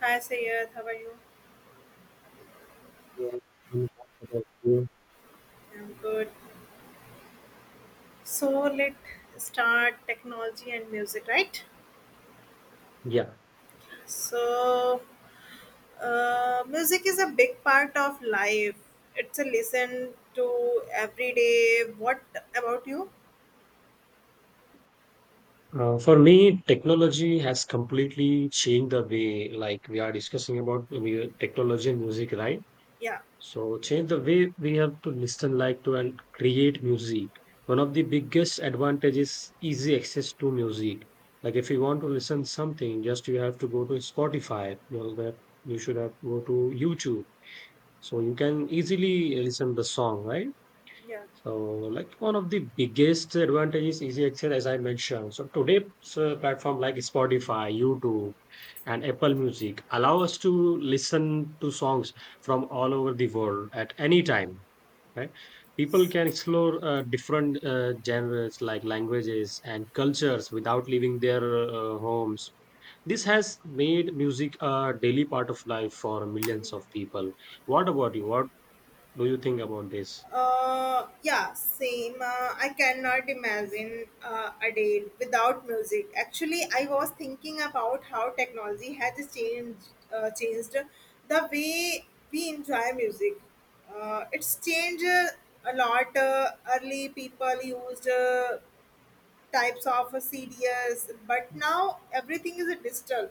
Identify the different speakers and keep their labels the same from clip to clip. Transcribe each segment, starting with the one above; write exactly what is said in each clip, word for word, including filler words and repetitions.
Speaker 1: Hi Sayed, how are you?
Speaker 2: Yeah,
Speaker 1: I'm good. So let's start technology and music, right?
Speaker 2: Yeah,
Speaker 1: So uh, Music is a big part of life. It's a listen to every day. What about you?
Speaker 2: uh, for me, technology has completely changed the way, like we are discussing about mu- technology and music, right?
Speaker 1: Yeah,
Speaker 2: So, change the way we have to listen, like to and create music. One of the biggest advantages is easy access to music. Like if you want to listen something, just you have to go to Spotify. You know, that you should have to go to YouTube, so you can easily listen the song, right?
Speaker 1: yeah.
Speaker 2: So, like one of the biggest advantages is Excel, as I mentioned. So today, so platform like Spotify, YouTube, and Apple Music allow us to listen to songs from all over the world at any time. Right? People can explore uh, different uh, genres like languages and cultures without leaving their uh, homes. This has made music a daily part of life for millions of people. What about you? What do you think about this?
Speaker 1: Uh, yeah, same. Uh, I cannot imagine uh, a day without music. Actually, I was thinking about how technology has changed uh, changed the way we enjoy music. Uh, it's changed uh, a lot. Uh, early people used uh, types of uh, C Ds, but now everything is digital.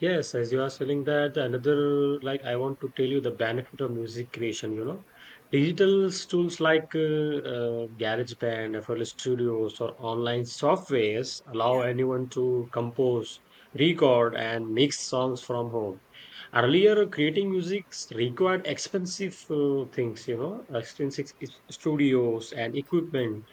Speaker 2: Yes, as you are saying that, another, like, I want to tell you the benefit of music creation, you know. Digital s- tools like uh, uh, GarageBand, F L Studios, or online softwares allow
Speaker 1: Yeah.
Speaker 2: anyone to compose, record, and mix songs from home. Earlier, creating music required expensive uh, things, you know, expensive s- studios and equipment.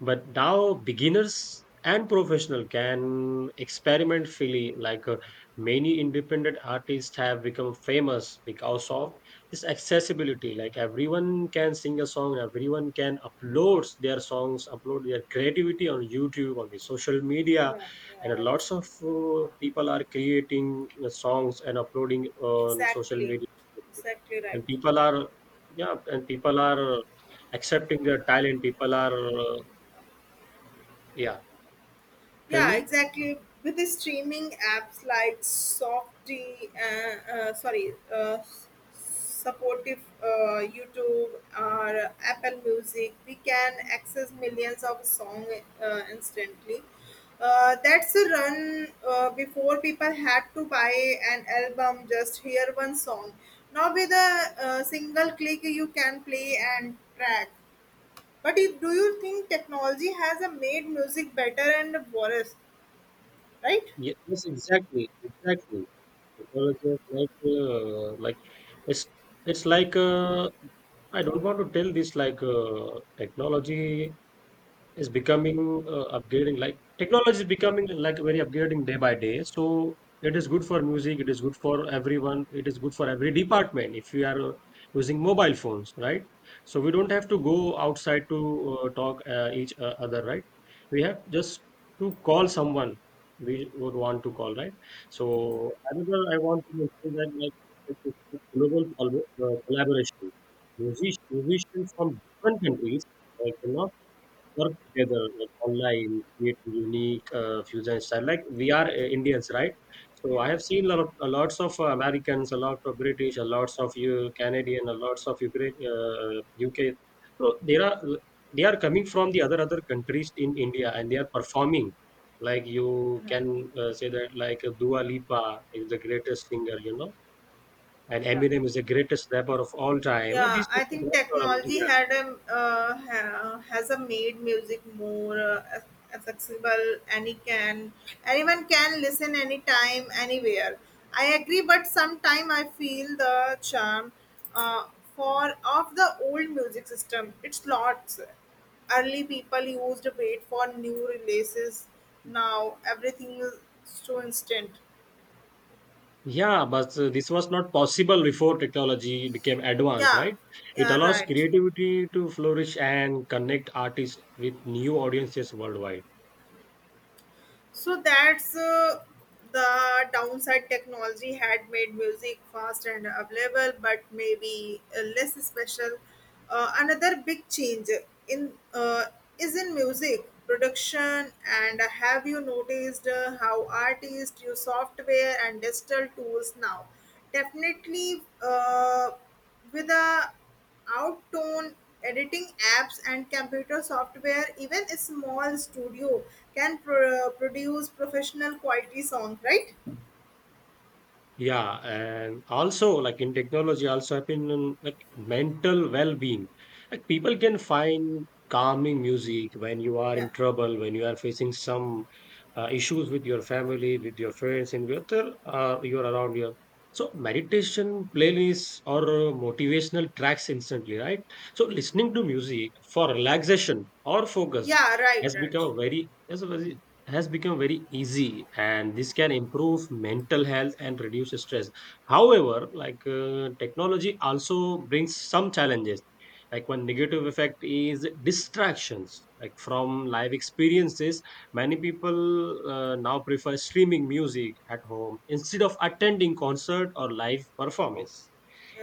Speaker 2: But now, beginners and professional can experiment freely. Like uh, many independent artists have become famous because of this accessibility. Like everyone can sing a song, everyone can upload their songs, upload their creativity on YouTube, on the social media
Speaker 1: Yeah, yeah,
Speaker 2: and
Speaker 1: right.
Speaker 2: lots of uh, people are creating uh, songs and uploading on social yeah
Speaker 1: Exactly,
Speaker 2: media
Speaker 1: exactly right.
Speaker 2: and people are yeah and people are uh, accepting their talent people are uh, yeah tell
Speaker 1: Yeah,
Speaker 2: me.
Speaker 1: exactly. With the streaming apps like Softy, uh, uh, sorry, uh, supportive uh, YouTube or Apple Music, we can access millions of songs uh, instantly. Uh, that's a run uh, before people had to buy an album, just hear one song. Now, with a uh, single click, you can play and track. But if, do you think technology has uh, made music better and worse, right?
Speaker 2: Ye- yes, exactly, exactly, technology is like uh, like it's it's like uh, I don't want to tell this like uh, technology is becoming uh, upgrading, like technology is becoming like very upgrading day by day. So it is good for music, it is good for everyone, it is good for every department. If you are uh, using mobile phones, right? So we don't have to go outside to uh, talk uh, each uh, other, right? We have just to call someone we would want to call, right? So another I want to mention that, like, it's a global col- uh, collaboration Music- musicians from different countries, like you know, work together like online, create unique uh, fusion style. Like we are uh, Indians, right? So
Speaker 1: Yeah.
Speaker 2: I have seen lot of, a lots of uh, Americans, a lot of British, a lots of you, Canadian, a lots of Ukraine, uh, UK. So there are, they are coming from the other other countries in India and they are performing, like you
Speaker 1: Right.
Speaker 2: can uh, say that, like uh, Dua Lipa is the greatest singer, you know, and
Speaker 1: Yeah.
Speaker 2: Eminem is the greatest rapper of all time. Uh,
Speaker 1: Yeah,
Speaker 2: these
Speaker 1: I
Speaker 2: people,
Speaker 1: think technology had a uh, ha, has a made music more uh, accessible. Any can anyone can listen anytime, anywhere. I agree, but sometime I feel the charm uh, for of the old music system. It's lots. Early people used to wait for new releases. Now everything is so instant.
Speaker 2: yeah, but uh, this was not possible before technology became advanced,
Speaker 1: Yeah,
Speaker 2: right? It
Speaker 1: yeah,
Speaker 2: allows
Speaker 1: right.
Speaker 2: creativity to flourish and connect artists with new audiences worldwide.
Speaker 1: So that's uh, the downside. Technology had made music fast and available, but maybe uh, less special. Uh, another big change in uh, is in music production. And have you noticed uh, how artists use software and digital tools now? Definitely. Uh, with the outtone editing apps and computer software, even a small studio can pro- produce professional quality song, right?
Speaker 2: Yeah, and also like in technology, also I've been in, like mental well-being. Like people can find calming music when you are
Speaker 1: Yeah.
Speaker 2: in trouble, when you are facing some uh, issues with your family, with your friends, and with other uh, you're around here. So meditation playlists or uh, motivational tracks instantly, right? So listening to music for relaxation or focus
Speaker 1: Yeah, right,
Speaker 2: has
Speaker 1: right.
Speaker 2: become a very has a very has become very easy, and this can improve mental health and reduce stress. However, like uh, technology also brings some challenges. Like one negative effect is distractions, like from live experiences, many people uh, now prefer streaming music at home instead of attending concert or live performance.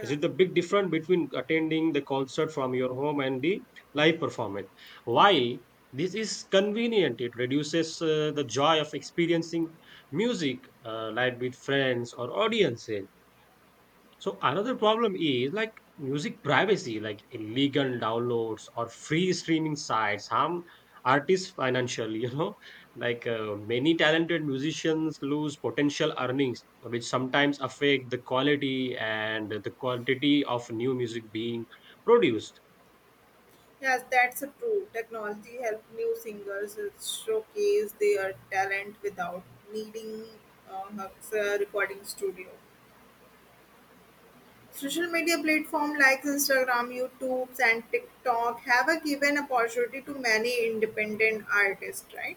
Speaker 2: Is it the big difference between attending the concert from your home and the live performance? Why this is convenient. It reduces uh, the joy of experiencing music uh, live with friends or audiences. So another problem is like music privacy, like illegal downloads or free streaming sites harm artists financially. You know, like uh, many talented musicians lose potential earnings, which sometimes affect the quality and the quantity of new music being produced.
Speaker 1: Yes, that's a true. Technology help new singers uh, showcase their talent without needing uh, a recording studio. Social media platforms like Instagram, YouTube, and TikTok have a given opportunity to many independent artists, right?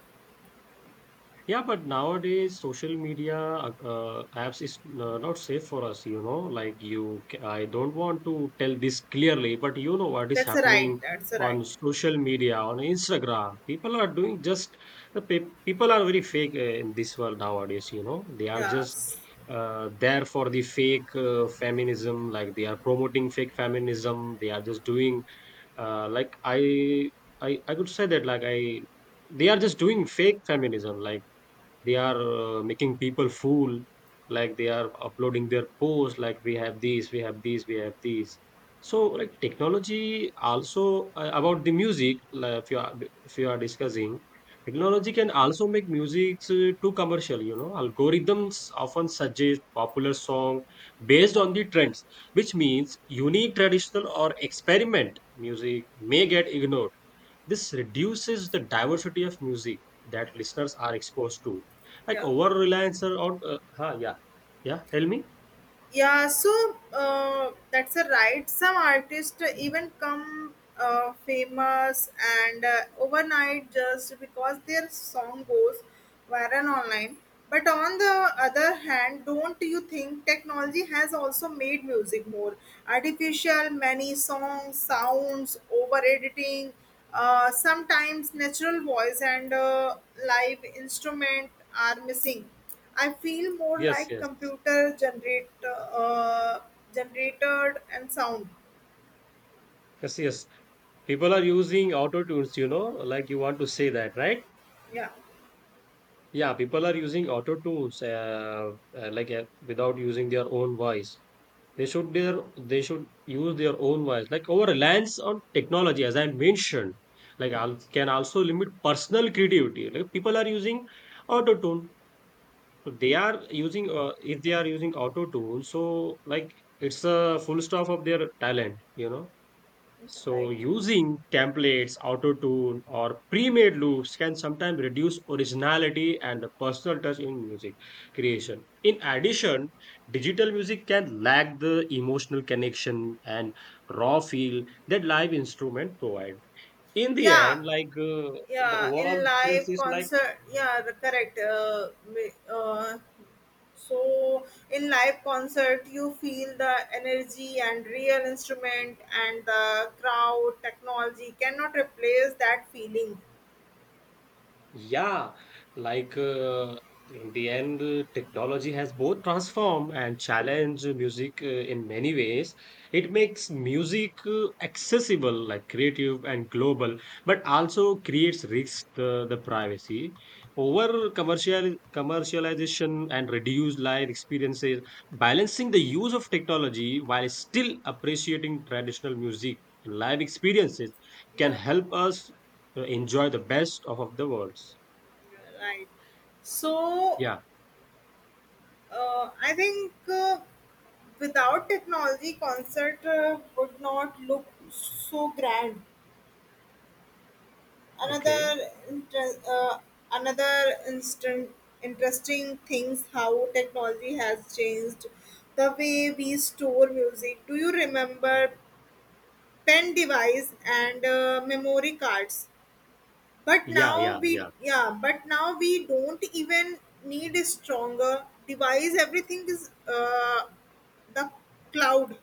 Speaker 2: Yeah, but nowadays social media uh, uh, apps is uh, not safe for us, you know. Like you, ca- I don't want to tell this clearly, but you know what is
Speaker 1: That's right.
Speaker 2: happening
Speaker 1: That's right.
Speaker 2: on social media, on Instagram. People are doing just the pe- people are very fake uh, in this world nowadays, you know. They are just
Speaker 1: Yes.
Speaker 2: uh, there for the fake uh, feminism, like they are promoting fake feminism. They are just doing uh, like I, I, I could say that, like I, they are just doing fake feminism, like they are uh, making people fool, like they are uploading their posts like we have these we have these we have these. So like technology also uh, about the music, like, if you are if you are discussing technology can also make music uh, too commercial, you know. Algorithms often suggest popular song based on the trends, which means unique traditional or experiment music may get ignored. This reduces the diversity of music that listeners are exposed to. Like
Speaker 1: Yeah.
Speaker 2: over reliance on, uh, huh, yeah, yeah, tell me.
Speaker 1: yeah so uh, that's a right. Some artists even come uh, famous and uh, overnight just because their song goes viral online. But on the other hand, don't you think technology has also made music more artificial? Many songs sounds over editing, uh, sometimes natural voice and uh, live instrument are missing. I feel more
Speaker 2: Yes,
Speaker 1: like
Speaker 2: yes.
Speaker 1: computer generate uh, generated and sound.
Speaker 2: Yes, yes. People are using auto tunes, you know, like you want to say that, right?
Speaker 1: Yeah.
Speaker 2: Yeah, people are using auto tunes, uh, uh, like uh, without using their own voice. They should their they should use their own voice. Like our reliance on technology, as I mentioned, like al can also limit personal creativity. Like people are using auto tune. So they are using uh, if they are using auto tool, so like it's a full stop of their talent, you know. So
Speaker 1: Right.
Speaker 2: using templates auto tune or pre-made loops can sometimes reduce originality and the personal touch in music creation. In addition, digital music can lack the emotional connection and raw feel that live instrument provide. In the
Speaker 1: Yeah.
Speaker 2: end, like uh, the
Speaker 1: Yeah.
Speaker 2: overall
Speaker 1: In
Speaker 2: experience
Speaker 1: live
Speaker 2: is like,
Speaker 1: concert. Yeah. The correct. Uh, ma- uh, so in live concert, you feel the energy and real instrument and the crowd. Technology cannot replace that feeling.
Speaker 2: yeah, like uh, in the end, uh, technology has both transformed and challenged music uh, in many ways. It makes music uh, accessible, like creative and global, but also creates risks uh, the privacy. Over commercial commercialization and reduced live experiences, balancing the use of technology while still appreciating traditional music and live experiences can
Speaker 1: Yeah.
Speaker 2: help us uh, enjoy the best of, of the worlds.
Speaker 1: Right. So
Speaker 2: Yeah.
Speaker 1: Uh, I think uh, without technology, concert uh, would not look so grand.
Speaker 2: Okay.
Speaker 1: Another inter- uh, another instant interesting things how technology has changed the way we store music. Do you remember pen device and uh, memory cards? But
Speaker 2: Yeah.
Speaker 1: now
Speaker 2: Yeah.
Speaker 1: we
Speaker 2: Yeah.
Speaker 1: yeah, but now we don't even need a stronger device. Everything is uh, the cloud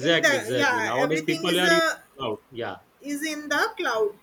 Speaker 1: in the.
Speaker 2: Exactly.
Speaker 1: Yeah.
Speaker 2: Nowadays,
Speaker 1: Everything
Speaker 2: people
Speaker 1: is
Speaker 2: are using
Speaker 1: a
Speaker 2: cloud. Yeah.
Speaker 1: Is in the cloud.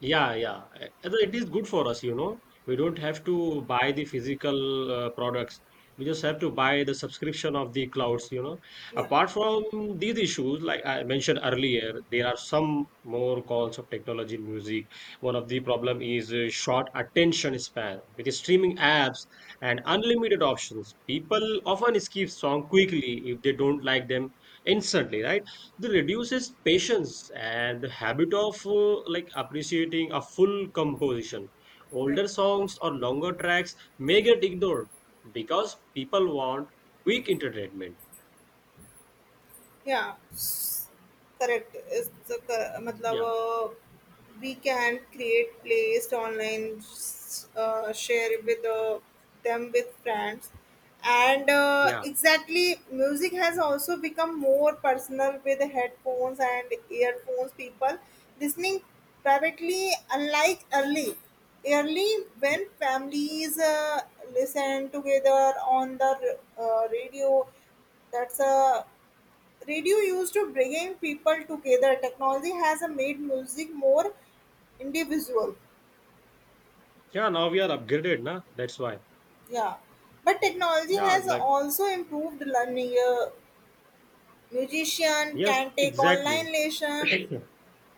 Speaker 2: Yeah, yeah. Uh, Although it is good for us, you know. We don't have to buy the physical uh, products. We just have to buy the subscription of the clouds, you know.
Speaker 1: Yeah.
Speaker 2: Apart from these issues, like I mentioned earlier, there are some more calls of technology in music. One of the problem is uh, short attention span. With the
Speaker 1: Yeah.
Speaker 2: streaming apps and unlimited options, people often skip song quickly if they don't like them instantly, right? This reduces patience and the habit of uh, like appreciating a full composition.
Speaker 1: Yeah.
Speaker 2: Older songs or longer tracks may get ignored because people want quick entertainment.
Speaker 1: Yeah, s- Correct. Is the cor- मतलब
Speaker 2: Yeah,
Speaker 1: uh, we can create playlist online, s- uh, share with uh, them with friends, and uh,
Speaker 2: yeah,
Speaker 1: exactly music has also become more personal with headphones and earphones. People listening privately, unlike early. Early,
Speaker 2: yeah.
Speaker 1: when families uh, listen together on the r- uh, radio, that's a radio used to bringing people together. Technology has uh, made music more individual.
Speaker 2: Yeah, now we are upgraded, na? That's why.
Speaker 1: Yeah, but technology
Speaker 2: Yeah,
Speaker 1: has
Speaker 2: like
Speaker 1: also improved learning. Uh, musician
Speaker 2: yes,
Speaker 1: can take
Speaker 2: exactly.
Speaker 1: online lesson,
Speaker 2: Yes,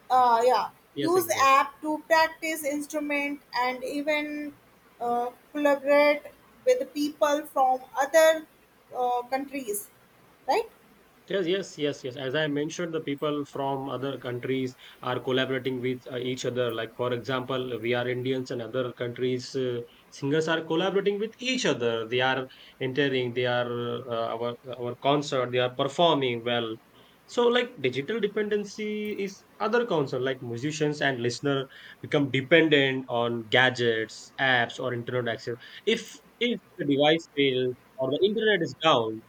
Speaker 1: uh, yeah, use
Speaker 2: exactly.
Speaker 1: app to practice instrument, and even uh, collaborate with people from other uh, countries, right?
Speaker 2: Yes, yes, yes, yes. As I mentioned, the people from other countries are collaborating with uh, each other. Like, for example, we are Indians and other countries' uh, singers are collaborating with each other. They are entering, they are uh, our our concert, they are performing well. So, like, digital dependency is other concern. Like, musicians and listener become dependent on gadgets, apps, or internet access. If if the device fails or the internet is down,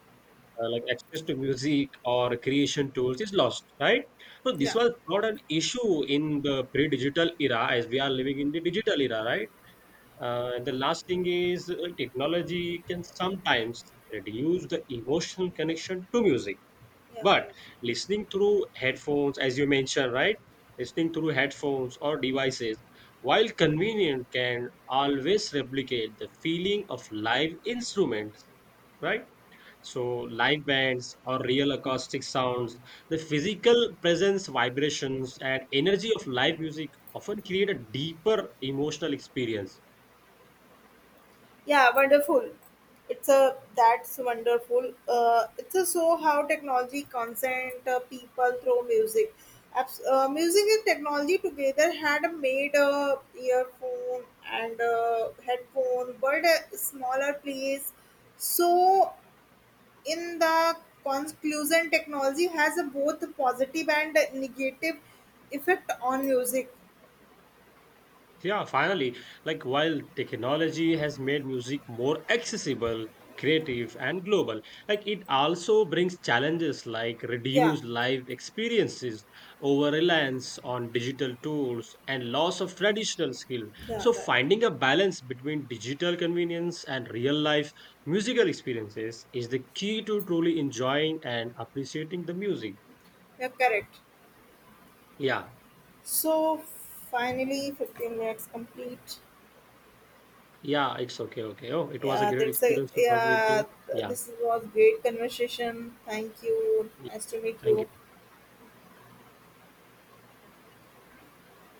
Speaker 2: uh, like access to music or creation tools is lost, right? So this
Speaker 1: Yeah,
Speaker 2: was not an issue in the pre-digital era, as we are living in the digital era, right? Uh, and the last thing is uh, technology can sometimes reduce the emotional connection to music,
Speaker 1: yeah,
Speaker 2: but
Speaker 1: right.
Speaker 2: listening through headphones, as you mentioned, right? Listening through headphones or devices, while convenient, can always replicate the feeling of live instruments, right? So, live bands or real acoustic sounds, the physical presence, vibrations, and energy of live music often create a deeper emotional experience.
Speaker 1: Yeah, wonderful. It's a that's wonderful. Uh, it's a so how technology consent uh, people through music. Abs- uh, music and technology together had made a earphone and a headphone, but a smaller place. So, in the conclusion, technology has a both positive and negative effect on music.
Speaker 2: Yeah, finally, like while technology has made music more accessible, creative, and global, like it also brings challenges like
Speaker 1: Yeah,
Speaker 2: reduced live experiences, over reliance on digital tools, and loss of traditional skill.
Speaker 1: yeah,
Speaker 2: So,
Speaker 1: right.
Speaker 2: finding a balance between digital convenience and real life musical experiences is the key to truly enjoying and appreciating the music.
Speaker 1: Yeah, correct.
Speaker 2: Yeah,
Speaker 1: So finally, fifteen minutes complete.
Speaker 2: yeah, it's okay, okay. Oh, it was a
Speaker 1: Yeah,
Speaker 2: great
Speaker 1: that's a
Speaker 2: experience to talk with
Speaker 1: yeah.
Speaker 2: you. Yeah,
Speaker 1: This was great conversation. Thank you. Nice to meet
Speaker 2: thank you.
Speaker 1: you.